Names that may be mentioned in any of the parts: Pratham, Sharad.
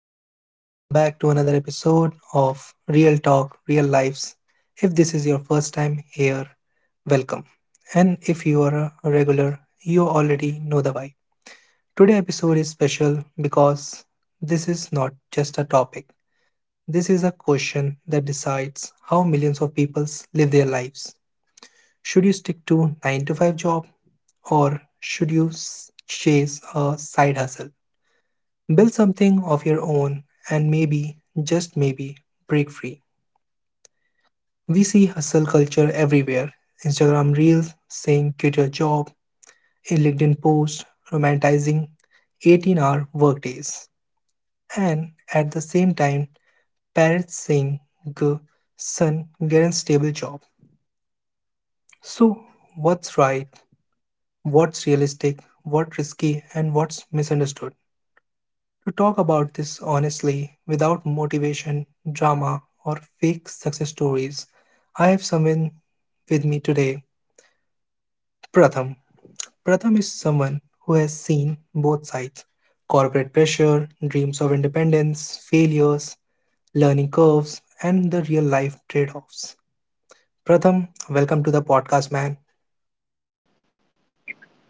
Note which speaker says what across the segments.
Speaker 1: everyone? Welcome back to another episode of Real Talk, Real Lives. If this is your first time here, welcome. And if you are a regular, you already know the vibe. Today's episode is special because this is not just a topic. This is a question that decides how millions of people live their lives. Should you stick to 9 to 5 job or should you chase a side hustle? Build something of your own and maybe, just maybe, break free. We see hustle culture everywhere: Instagram reels saying quit your job, a LinkedIn post romanticizing 18-hour workdays, and at the same time, parents saying, "Go, son, get a stable job." So, what's right? What's realistic? What's risky? And what's misunderstood? To talk about this honestly without motivation, drama, or fake success stories, I have someone with me today, Pratham. Pratham is someone who has seen both sides: corporate pressure, dreams of independence, failures, learning curves, and the real life trade offs. Pratham, welcome to the podcast, man.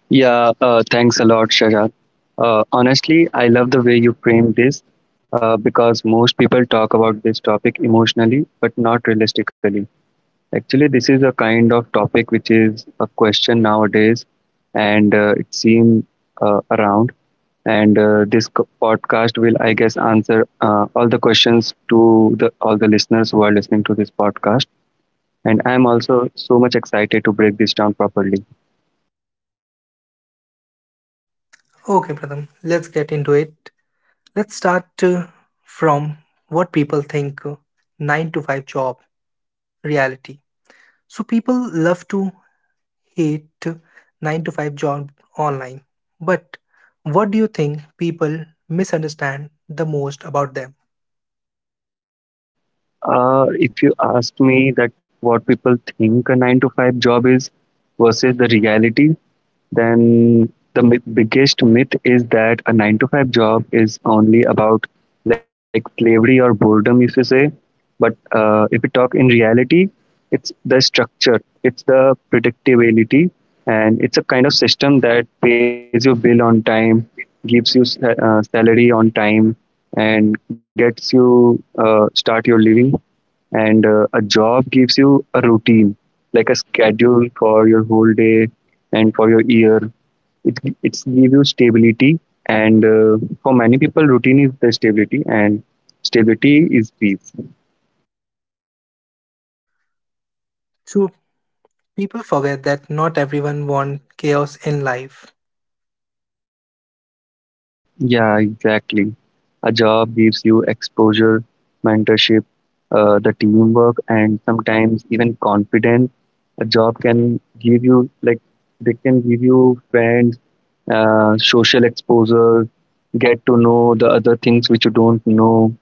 Speaker 2: Yeah, thanks a lot, Sharad. Honestly, I love the way you frame this because most people talk about this topic emotionally but not realistically. Actually, this is a kind of topic which is a question nowadays, and it seems around. And this podcast will, I guess, answer all the questions to the listeners who are listening to this podcast. And I'm also so much excited to break this down properly.
Speaker 1: Okay, Pratham, let's get into it. Let's start from what people think 9 to 5 job reality. So people love to hate 9 to 5 job online. But what do you think people misunderstand the most about them?
Speaker 2: If you ask me that what people think a nine to five job is versus the reality, then biggest myth is that a nine to five job is only about, like, slavery or boredom, if you say. But if we talk in reality, it's the structure, it's the predictability, and it's a kind of system that pays your bill on time, gives you salary on time, and gets you start your living. And a job gives you a routine, like a schedule for your whole day and for your year. It it's give you stability, and for many people routine is the stability, and stability is peace.
Speaker 1: So people forget that not everyone want chaos in life.
Speaker 2: Yeah, exactly. A job gives you exposure, mentorship, the teamwork, and sometimes even confidence. A job can give you, like, they can give you friends, social exposure, get to know the other things which you don't know,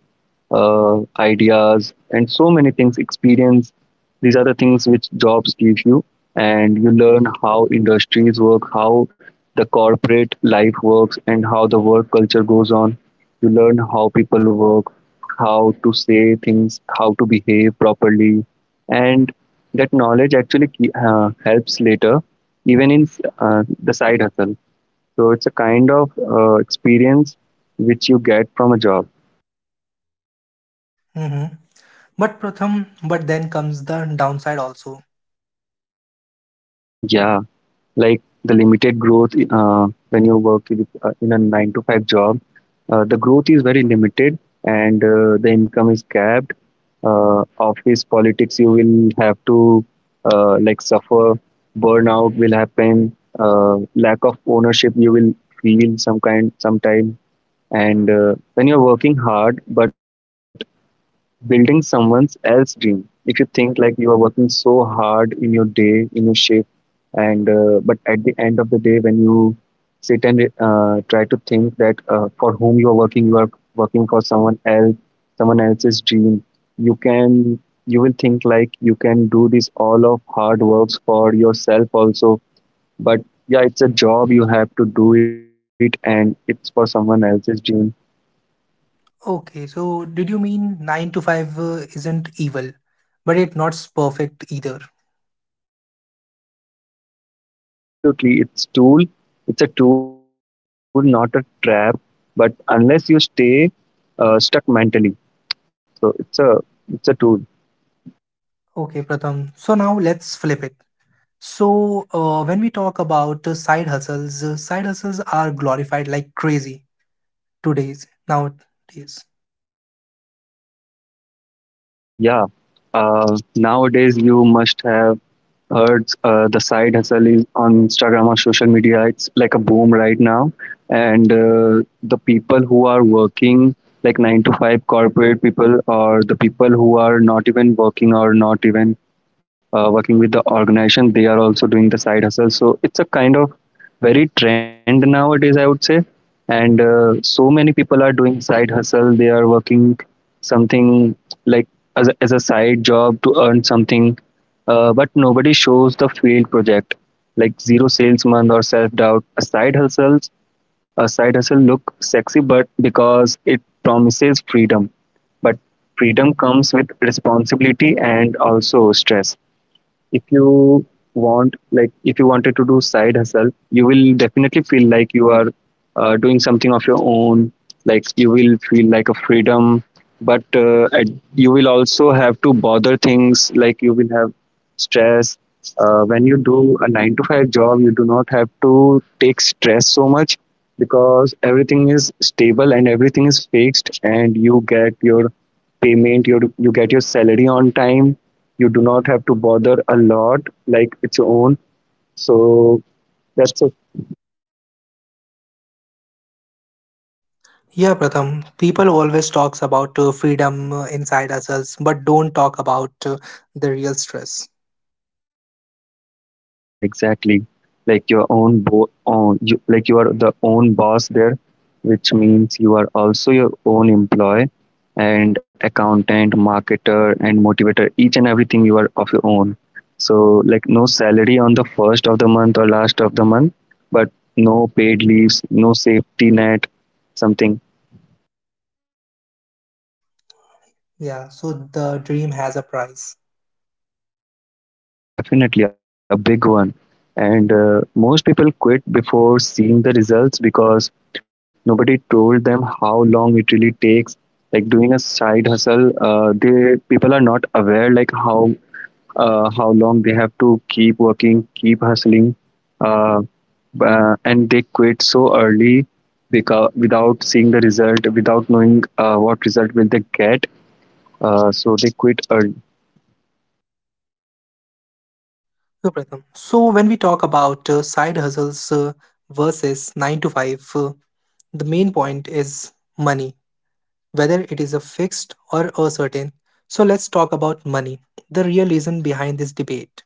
Speaker 2: ideas, and so many things. Experience. These are the things which jobs give you, and you learn how industries work, how the corporate life works, and how the work culture goes on. You learn how people work, how to say things, how to behave properly, and that knowledge actually helps later, even in the side hustle. So it's a kind of experience which you get from a job.
Speaker 1: Mhm. But Pratham, but then comes the downside also.
Speaker 2: Yeah, like the limited growth. When you work in a nine to five job, the growth is very limited, and the income is capped. Office politics, you will have to, like, suffer. Burnout will happen, lack of ownership, you will feel some kind sometime. And when you're working hard but building someone's else dream, if you think like you are working so hard in your day, in your shift, and but at the end of the day when you sit and try to think that for whom you are working, you are working for someone else, someone else's dream. You can, you will think like you can do this all of hard works for yourself also, but yeah, it's a job, you have to do it, and it's for someone else's dream.
Speaker 1: Okay, so did you mean 9 to 5 isn't evil, but it's not perfect either?
Speaker 2: Yeah, absolutely, it's a tool, not a trap, but unless you stay stuck mentally. So it's a tool.
Speaker 1: Okay, Pratham. So now let's flip it. So, when we talk about side hustles are glorified like crazy today's nowadays.
Speaker 2: Yeah. Nowadays, you must have heard the side hustle is on Instagram or social media. It's like a boom right now. And the people who are working, like nine to five corporate people, or the people who are not even working or not even working with the organization, they are also doing the side hustle. So it's a kind of very trend nowadays, I would say. And so many people are doing side hustle, they are working something, like as a side job to earn something. But nobody shows the failed project, like zero salesman or self doubt. A side hustles, a side hustle look sexy but because it promises freedom, but freedom comes with responsibility and also stress. If you want, like, if you wanted to do side hustle, you will definitely feel like you are doing something of your own, like you will feel like a freedom, but you will also have to bother things, like you will have stress. When you do a 9 to 5 job, you do not have to take stress so much because everything is stable and everything is fixed, and you get your payment, you get your salary on time, you do not have to bother a lot, like its own. So that's a,
Speaker 1: Yeah, Pratham. People always talks about freedom in side hustles, but don't talk about the real stress.
Speaker 2: yeah, exactly. Like your own, like, you are the own boss there, which means you are also your own employee and accountant, marketer, and motivator. Each and everything you are of your own. So, like, no salary on the first of the month or last of the month, but no paid leaves, no safety net, something.
Speaker 1: Yeah, so the dream has a price.
Speaker 2: Yeah, definitely a big one. And most people quit before seeing the results because nobody told them how long it really takes. Like doing a side hustle, they people are not aware, like how long they have to keep working, keep hustling, uh, and they quit so early, because without seeing the result, without knowing what result will they get. So they quit early.
Speaker 1: So, Pratham. So, when we talk about side hustles versus nine to five, the main point is money, whether it is a fixed or a certain. So let's talk about money, the real reason behind this debate.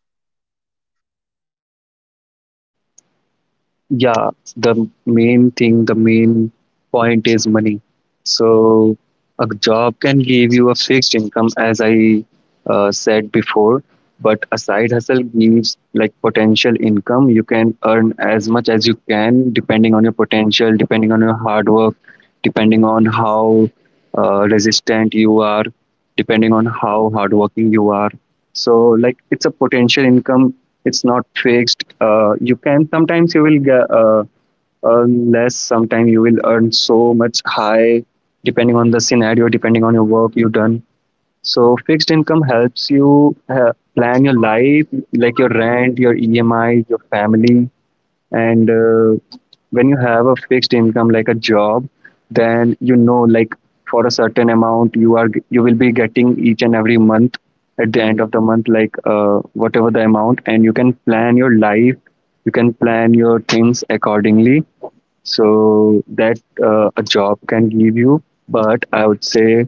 Speaker 2: Yeah, the the main point is money. So a job can give you a fixed income, as I said before, but a side hustle gives, like, potential income. You can earn as much as you can, depending on your potential, depending on your hard work, depending on how resistant you are, depending on how hardworking you are. So, like, it's a potential income, it's not fixed. You can, sometimes you will get, earn less, sometimes you will earn so much high, depending on the scenario, depending on your work you've done. So fixed income helps you plan your life, like your rent, your EMI, your family. And when you have a fixed income like a job, then you know, like, for a certain amount you are you will be getting each and every month. At the end of the month, like, whatever the amount, and you can plan your life, you can plan your things accordingly. So that a job can give you. But i would say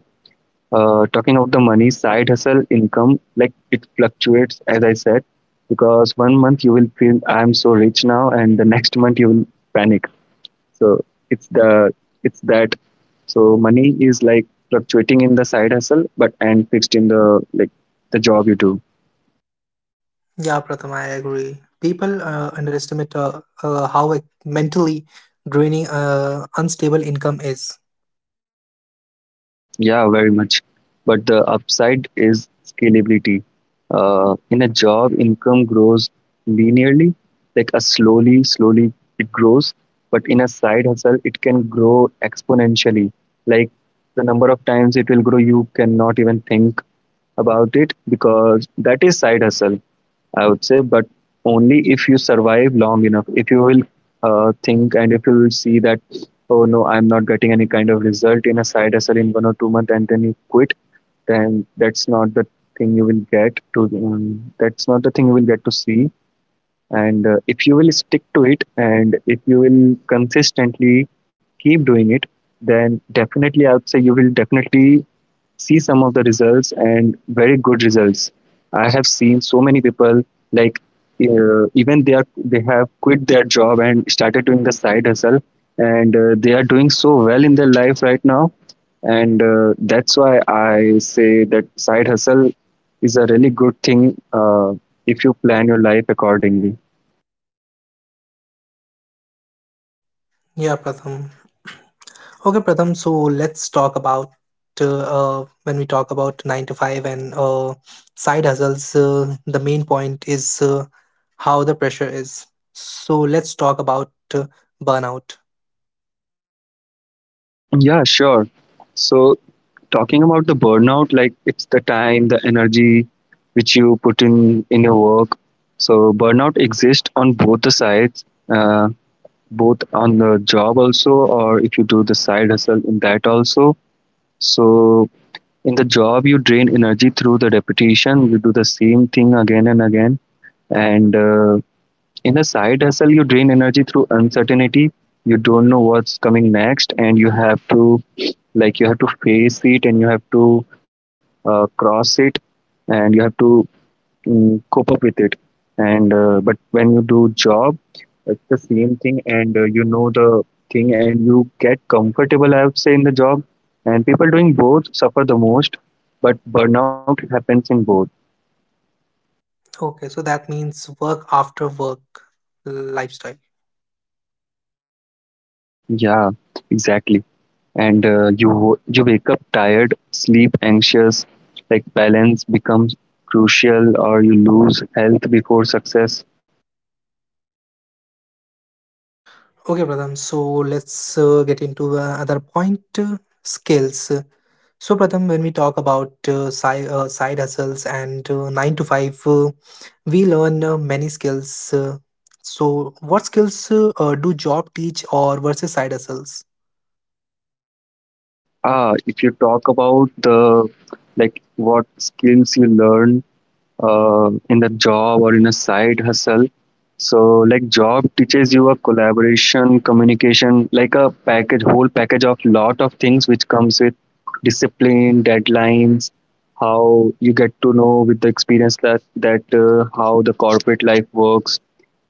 Speaker 2: uh, talking of the money, side hustle income, like, it fluctuates, as I said, because one month you will feel I'm so rich now, and the next month you will panic. So it's the, it's that. So money is like fluctuating in the side hustle, but, and fixed in the, like, the job you do.
Speaker 1: Yeah, Pratham, I agree. People underestimate how mentally draining unstable income is.
Speaker 2: Yeah, very much. But the upside is scalability. In a job, income grows linearly, like a slowly, slowly it grows. But in a side hustle, it can grow exponentially. Like, the number of times it will grow, you cannot even think about it, because that is side hustle, I would say. But only if you survive long enough, if you will think, and if you will see that, oh no, I'm not getting any kind of result in a side hustle in one or two months, and then you quit, then that's not the thing you will get to. That's not the thing you will get to see. And if you will stick to it, and if you will consistently keep doing it, then definitely I would say you will definitely see some of the results, and very good results. I have seen so many people, like, even they have quit their job and started doing the side hustle, and they are doing so well in their life right now. And that's why I say that side hustle is a really good thing, if you plan your life accordingly.
Speaker 1: Yeah, Pratham. Okay, Pratham. So let's talk about when we talk about nine to five and side hustles. The main point is how the pressure is. So let's talk about burnout.
Speaker 2: Yeah, sure. So, talking about the burnout, like, it's the time, the energy which you put in your work. So, burnout exists on both the sides, both on the job also, or if you do the side hustle in that also. So, in the job, you drain energy through the repetition. You do the same thing again and again, and in a side hustle, you drain energy through uncertainty. You don't know what's coming next, and you have to, like, you have to face it, and you have to cross it, and you have to, cope up with it. And but when you do job, it's the same thing, and you know the thing, and you get comfortable, I would say, in the job. And people doing both suffer the most, but burnout happens in both.
Speaker 1: Okay, so that means work after work lifestyle.
Speaker 2: Yeah, exactly. And you wake up tired, sleep anxious, like, balance becomes crucial, or you lose health before success.
Speaker 1: Okay, Pratham, so let's get into other point: skills. So, Pratham, when we talk about side hustles and 9 to 5, we learn many skills. So, what skills do job teach or versus side hustles?
Speaker 2: If you talk about the like what skills you learn, in the job or in a side hustle, so like job teaches you a collaboration, communication, like a package, whole package of lot of things which comes with discipline, deadlines. How you get to know with the experience that how the corporate life works,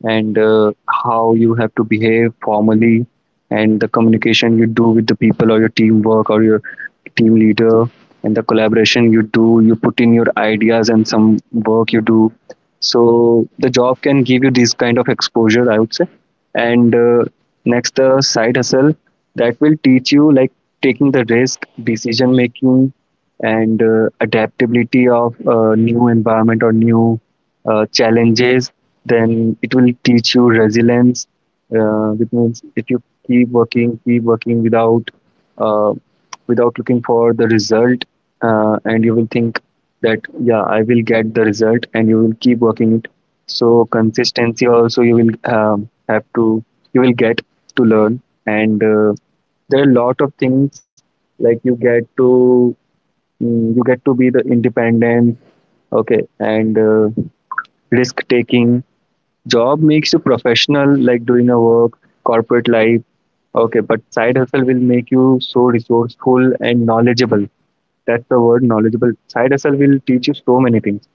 Speaker 2: and how you have to behave formally, and the communication you do with the people, or your teamwork or your team leader, and the collaboration you do, you put in your ideas and some work you do. So the job can give you this kind of exposure, I would say. And next, the side hustle, that will teach you like taking the risk, decision making, and adaptability of new environment or new challenges. Then it will teach you resilience, which means if you keep working without uh, without looking for the result, and you will think that yeah, I will get the result, and you will keep working it. So consistency also you will have to, you will get to learn. And there are a lot of things, like you get to, you get to be the independent. Okay, and risk taking. Job makes you professional, like doing a work, corporate life. Okay, but side hustle will make you so resourceful and knowledgeable. That's the word, knowledgeable. Side hustle will teach you so many things.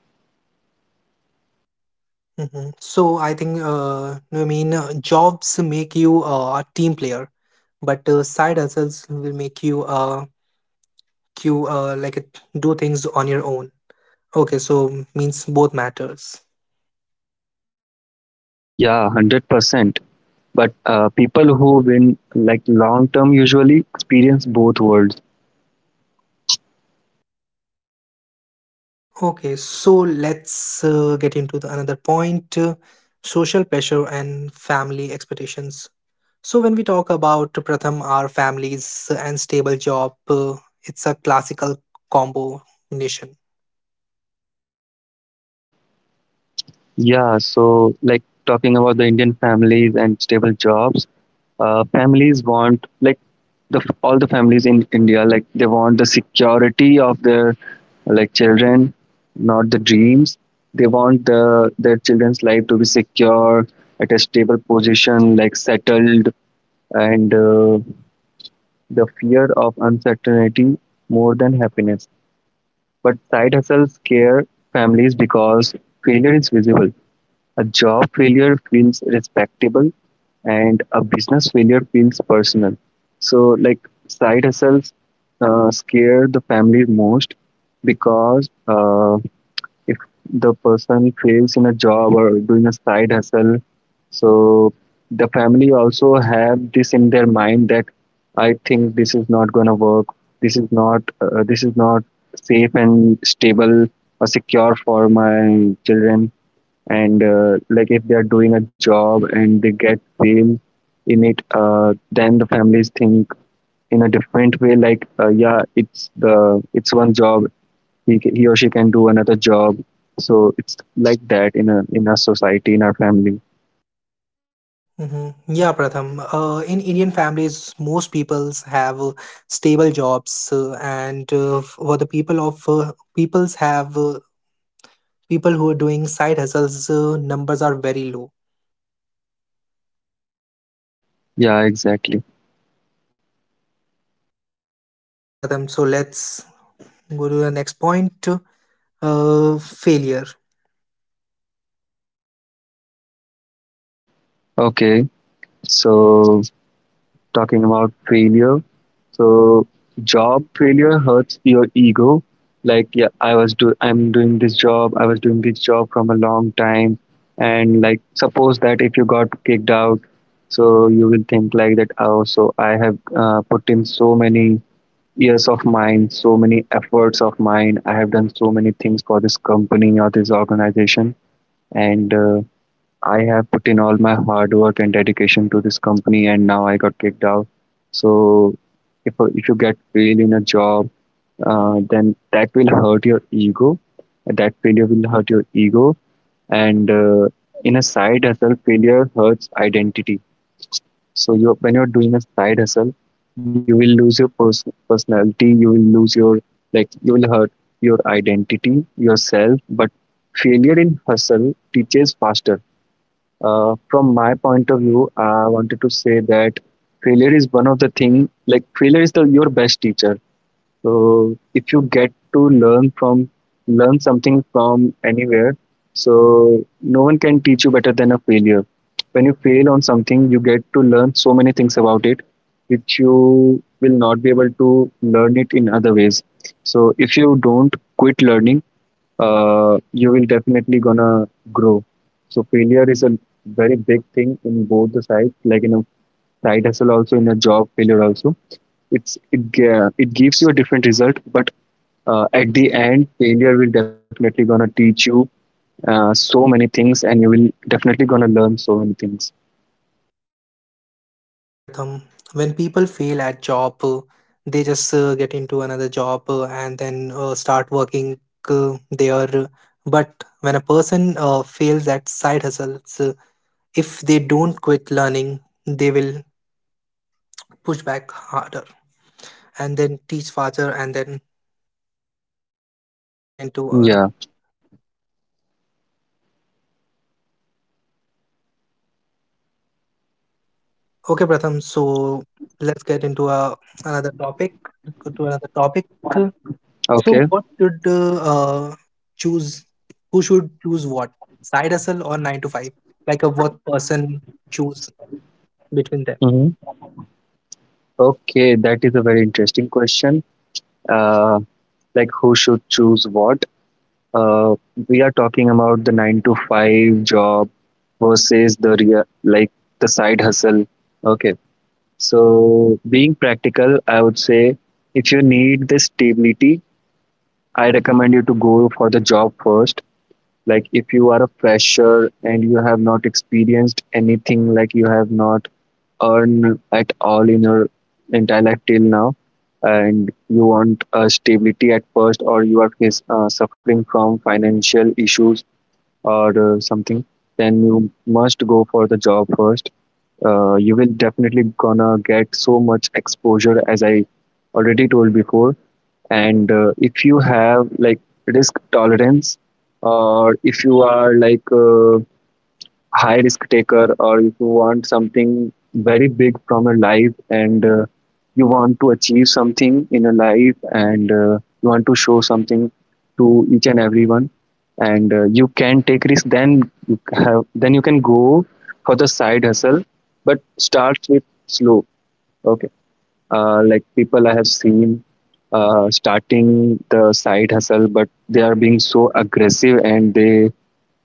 Speaker 1: So, I think, I mean, jobs make you a team player, but side hustles will make you a you like it, do things on your own. Okay, so means both matters.
Speaker 2: Yeah, 100%. But people who win like long term usually experience both worlds.
Speaker 1: Okay, so let's get into the another point: social pressure and family expectations. So when we talk about Pratham, our families and stable job, it's a classical combo nation.
Speaker 2: Yeah, so like talking about the Indian families and stable jobs, families want, like, the all the families in India, like they want the security of their, like, children, not the dreams. They want their children's life to be secure at a stable position, like settled. And the fear of uncertainty more than happiness. But side hustles scare families because failure is visible. A job failure feels respectable, and a business failure feels personal. So, like, side hustles scare the family most, because if the person fails in a job or doing a side hustle, so the family also have this in their mind that I think this is not gonna work. This is not safe and stable, or secure for my children. And like if they are doing a job and they get fail in it, then the families think in a different way, like yeah, it's one job, he or she can do another job. So it's like that, in our society, in our family.
Speaker 1: Hmm. Yeah, Pratham. In Indian families, most peoples have stable jobs, and for the people of peoples have people who are doing side hustles, numbers are very low.
Speaker 2: Yeah, exactly.
Speaker 1: Okay, Pratham. So let's go to the next point. Failure.
Speaker 2: Okay, so talking about failure. So job failure hurts your ego. Like, yeah, I was do I'm doing this job. I was doing this job from a long time, and like suppose that if you got kicked out, so you will think like that. Oh, so I have put in so many years of mine, so many efforts of mine. I have done so many things for this company or this organization, and I have put in all my hard work and dedication to this company, and now I got kicked out. So, if you get fail in a job, then that will hurt your ego. That failure will hurt your ego, and in a side hustle, failure hurts identity. So you, when you're doing a side hustle, you will lose your personality. You will lose your, like, you will hurt your identity yourself. But failure in hustle teaches faster. From my point of view, I wanted to say that failure is one of the thing, like failure is the your best teacher. So if you get to learn from learn something from anywhere, so no one can teach you better than a failure. When you fail on something, you get to learn so many things about it, which you will not be able to learn it in other ways. So if you don't quit learning, you will definitely gonna grow. So failure is a very big thing in both the sides, like in a side hustle also, in a job failure also. It gives you a different result, but at the end, failure will definitely gonna teach you so many things, and you will definitely gonna learn so many things.
Speaker 1: Yeah, Pratham. When people fail at job, they just get into another job and then start working there. But when a person fails at side hustles, if they don't quit learning, they will push back harder and then teach faster and then got into another.
Speaker 2: Yeah.
Speaker 1: Okay, Pratham. So let's get into a another topic. Let's go to another topic. So,
Speaker 2: Okay.
Speaker 1: what should choose? Who should choose what? Side hustle or nine to five? Like a what person choose between them?
Speaker 2: Mm-hmm. Okay, that is a very interesting question. Uh, like, who should choose what? Uh, we are talking about the nine to five job versus the real, like the side hustle. Okay, so being practical, I would say if you need this stability, I recommend you to go for the job first. Like if you are a fresher and you have not experienced anything, like you have not earned at all in your entire life till now, and you want stability at first, or you are suffering from financial issues or something, then you must go for the job first. You will definitely gonna get so much exposure, as I already told before. And if you have like risk tolerance, or if you are like high risk taker, or if you want something very big from your life, and you want to achieve something in your life, and you want to show something to each and everyone, and you can take risk, then you can go for the side hustle, but start with slow. Okay. Like people I have seen starting the side hustle, but they are being so aggressive, and they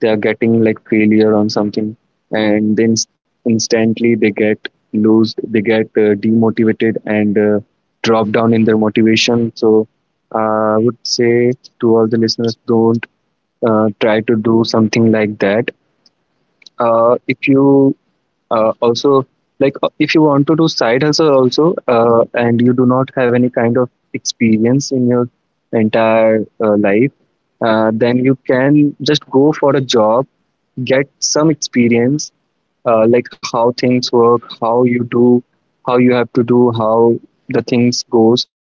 Speaker 2: they are getting like failure on something, and then, instantly they get lose they get demotivated, and drop down in their motivation. So, I would say to all the listeners, don't try to do something like that. If you, also, like, if you want to do side hustle also, and you do not have any kind of experience in your entire life, then you can just go for a job, get some experience, like how things work, how you do, how you have to do, how the things goes.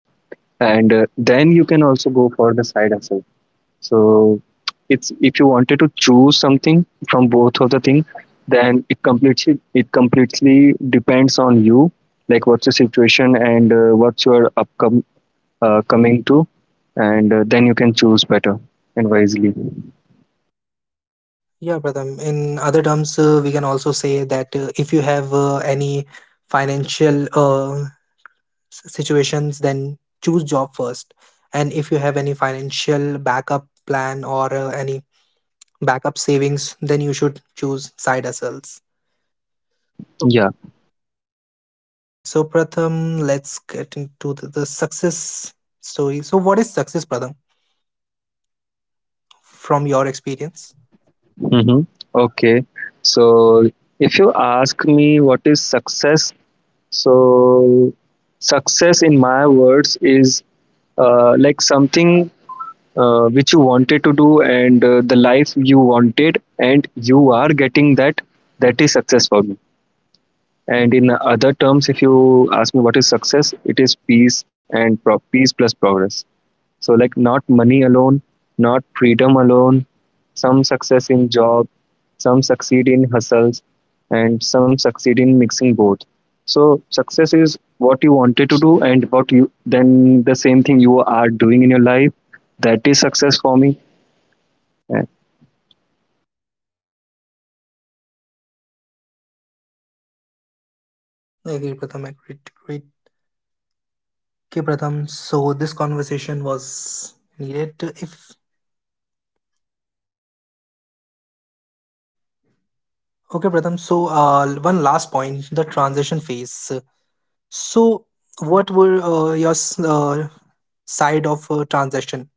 Speaker 2: And then you can also go for the side hustle. So it's, if you wanted to choose something from both of the thing, then it completely depends on you, like what's your situation, and what's your upcoming coming to, and then you can choose better and wisely.
Speaker 1: Yeah, Pratham. In other terms, we can also say that if you have any financial situations, then choose job first. And if you have any financial backup plan or any backup savings, then you should choose side hustles.
Speaker 2: Yeah.
Speaker 1: Okay, so Pratham, let's get into the success story. So, what is success, Pratham, from your experience?
Speaker 2: Mm-hmm. Okay. So, if you ask me what is success, so success in my words is like something which you wanted to do, and the life you wanted, and you are getting that, that is success for me. And in other terms, if you ask me what is success, it is peace and peace plus progress. So, like, not money alone, not freedom alone. Some success in job, some succeed in hustles, and some succeed in mixing both. So success is what you wanted to do, and what you then the same thing you are doing in your life. That is success for me. Yeah.
Speaker 1: I agree, Pratham. I agree. Okay, Pratham. So, this conversation was needed. If
Speaker 2: Like, I would like to
Speaker 1: Okay, Pratham.
Speaker 2: add
Speaker 1: So,
Speaker 2: some,
Speaker 1: one last point: the transition phase. So, what were your side of transition?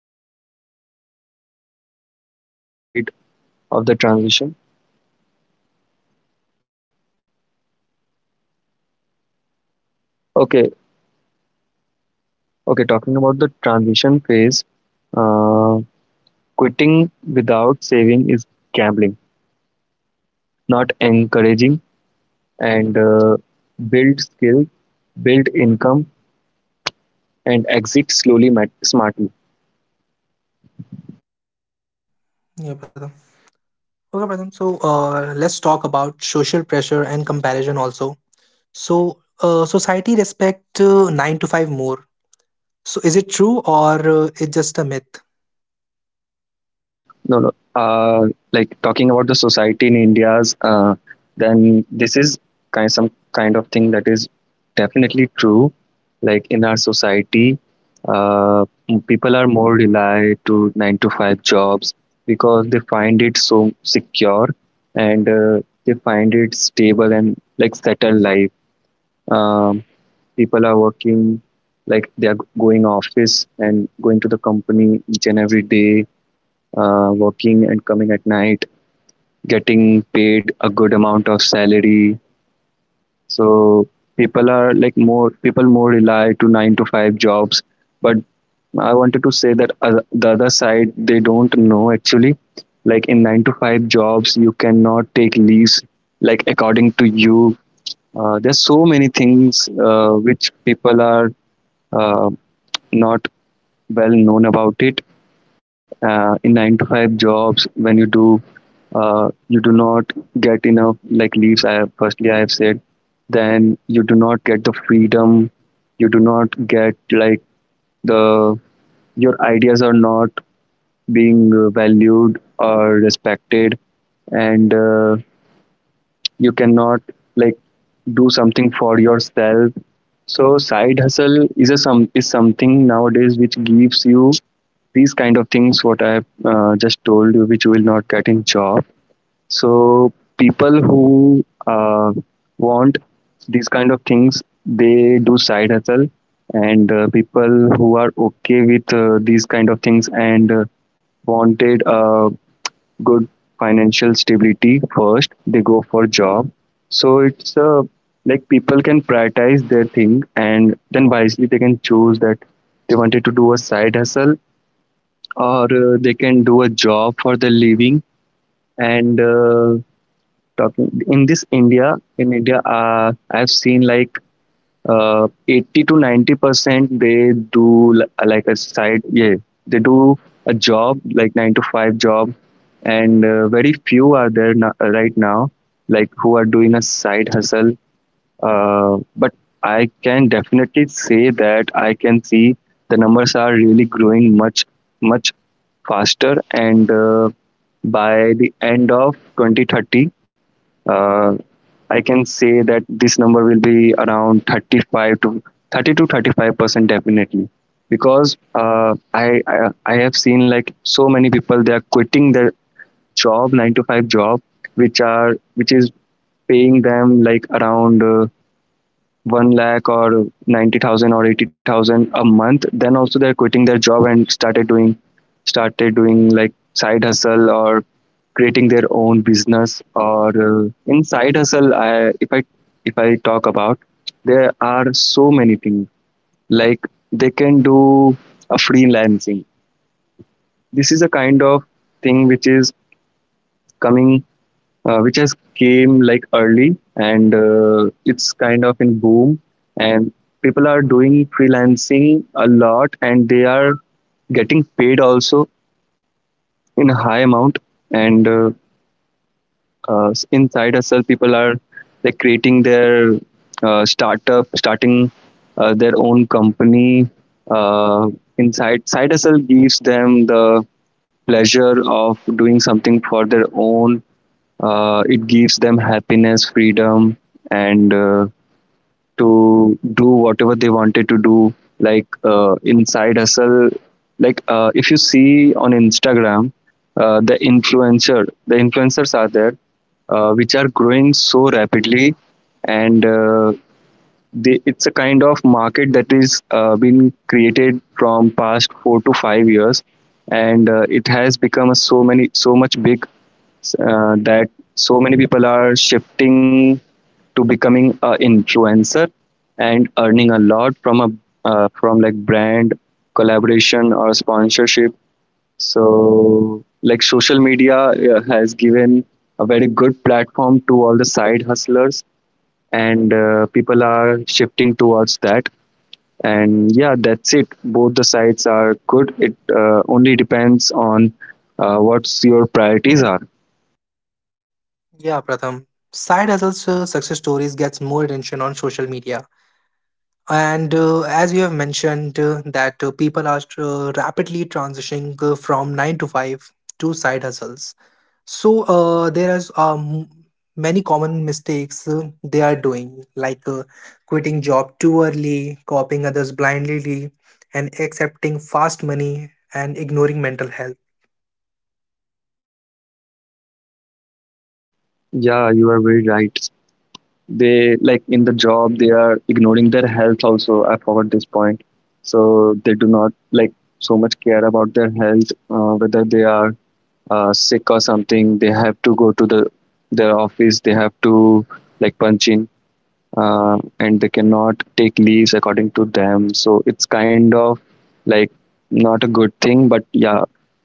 Speaker 2: okay. Like, what you wanted to ask side of the transition. Okay, okay. Talking about the transition phase. Um, Quitting without saving is gambling, not encouraging. And build skill, build income, and exit slowly, smartly.
Speaker 1: Yeah, Pratham. Okay, Pratham. So let's talk about social pressure and comparison also. So society respect nine to five more. So is it true or it's just a myth?
Speaker 2: No, no. Like talking about the society in India's, then this is kind of some kind of thing that is definitely true. Like in our society, people are more rely to nine to five jobs, because they find it so secure, and they find it stable and like settled life. Um, People are working, like they are going office and going to the company each and every day, working and coming at night, getting paid a good amount of salary. So people are like, more rely to nine to five jobs, but I wanted to say that, the other side they don't know actually. Like in nine to five jobs, you cannot take leaves like according to you. There's so many things which people are uh, not well known about it, in nine to five jobs when you do not get enough like leaves I have firstly I have said. Then you do not get the freedom, you do not get like the, your ideas are not being valued or respected, and you cannot like do something for yourself. So side hustle is a some is something nowadays which gives you these kind of things what I have just told you, which you will not get in job. So people who want these kind of things they do side hustle, and people who are okay with these kind of things and wanted a good financial stability first they go for job. So it's like people can prioritize their thing and then wisely they can choose that they wanted to do a side hustle, or they can do a job for the living. And talking in this india in india, I've seen like 80 to 90% they like a side, yeah, they do a job like 9 to 5 job. And very few are there, no, right now, like who are doing a side hustle. Uh, but I can definitely say that I can see the numbers are really growing much, much faster. And by the end of 2030, uh, I can say that this number will be around 35 to 30 to 35% definitely, because I have seen like so many people they are quitting their job, nine to five job, which is paying them like around 1 lakh or 90,000 or 80,000 a month, then also they're quitting their job and started doing like side hustle or creating their own business. Or in side hustle, if I talk about, there are so many things like they can do a freelancing. This is a kind of thing which is coming, which has came like early, and it's kind of in boom. And people are doing freelancing a lot and they are getting paid also in a high amount. And inside hustle people are like creating their startup, starting their own company. uh, inside side hustle gives them the pleasure of doing something for their own. It gives them happiness, freedom, and to do whatever they wanted to do. Like inside hustle, like if you see on instagram, uh, the influencer the influencers are there which are growing so rapidly. And it's a kind of market that is been created from past 4 to 5 years, and it has become so much big, that so many people are shifting to becoming a influencer and earning a lot from a, from like brand collaboration or sponsorship. So like social media has given a very good platform to all the side hustlers, and people are shifting towards that. And yeah, that's it, both the sides are good, it only depends on what's your priorities are.
Speaker 1: Yeah, Pratham. Side hustles, success stories gets more attention on social media, and as you have mentioned that people are rapidly transitioning from nine to five to side hustles. So there is many common mistakes they are doing, like quitting job too early, copying others blindly, and accepting fast money and ignoring mental health.
Speaker 2: Yeah, you are very right. They like in the job they are ignoring their health also, I forgot this point. So they do not like so much care about their health, whether they are sick or something, they have to go to the, their office, they have to like punch in, and they cannot take leaves according to them. So it's kind of like not a good thing, but yeah,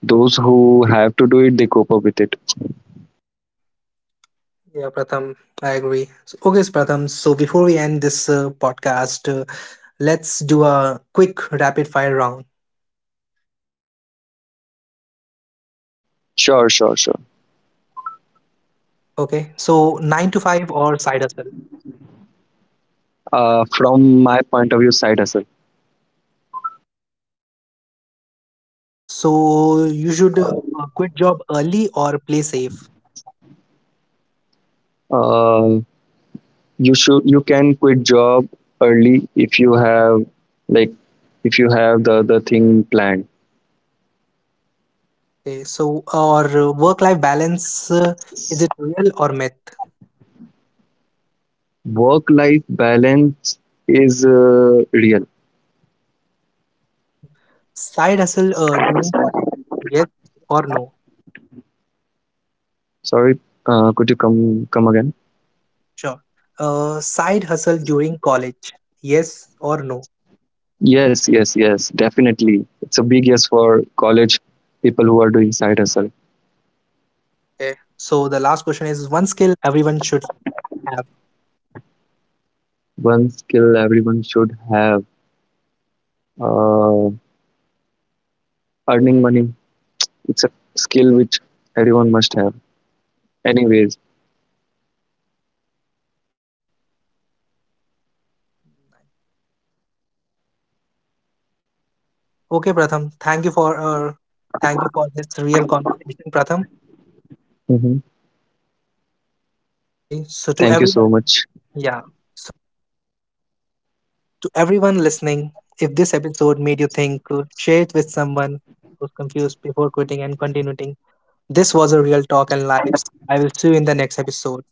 Speaker 2: those who have to do it, they cope up with it.
Speaker 1: Yeah, Pratham, I agree. So, okay, Pratham. So before we end this podcast, let's do a quick rapid fire round.
Speaker 2: Sure, sure, sure.
Speaker 1: Okay, so nine to five or side hustle.
Speaker 2: From my point of view, side hustle.
Speaker 1: Okay, so you should quit job early or play safe.
Speaker 2: Uh, you should, you can quit job early if you have, like, if you have the other thing planned.
Speaker 1: Okay, so our work-life balance, is it real or myth?
Speaker 2: Work life balance is real.
Speaker 1: Okay. Side hustle during college, yes or no?
Speaker 2: Sorry, could you come again?
Speaker 1: Sure. Side hustle during college, yes or no?
Speaker 2: Yes, yes, yes, definitely. It's a big yes for college people who are doing side hustle.
Speaker 1: Okay. So the last question is one skill everyone should have.
Speaker 2: One skill everyone should have, uh, earning money. It's a skill which everyone must have. Anyways,
Speaker 1: Okay, Pratham. Thank you for this real conversation, Pratham.
Speaker 2: hmm,
Speaker 1: Okay. So to
Speaker 2: thank you so
Speaker 1: everyone,
Speaker 2: much.
Speaker 1: yeah. To everyone listening, if this episode made you think, share it with someone who's confused before quitting and continuing. This was a real talk and lives. I will see you in the next episode.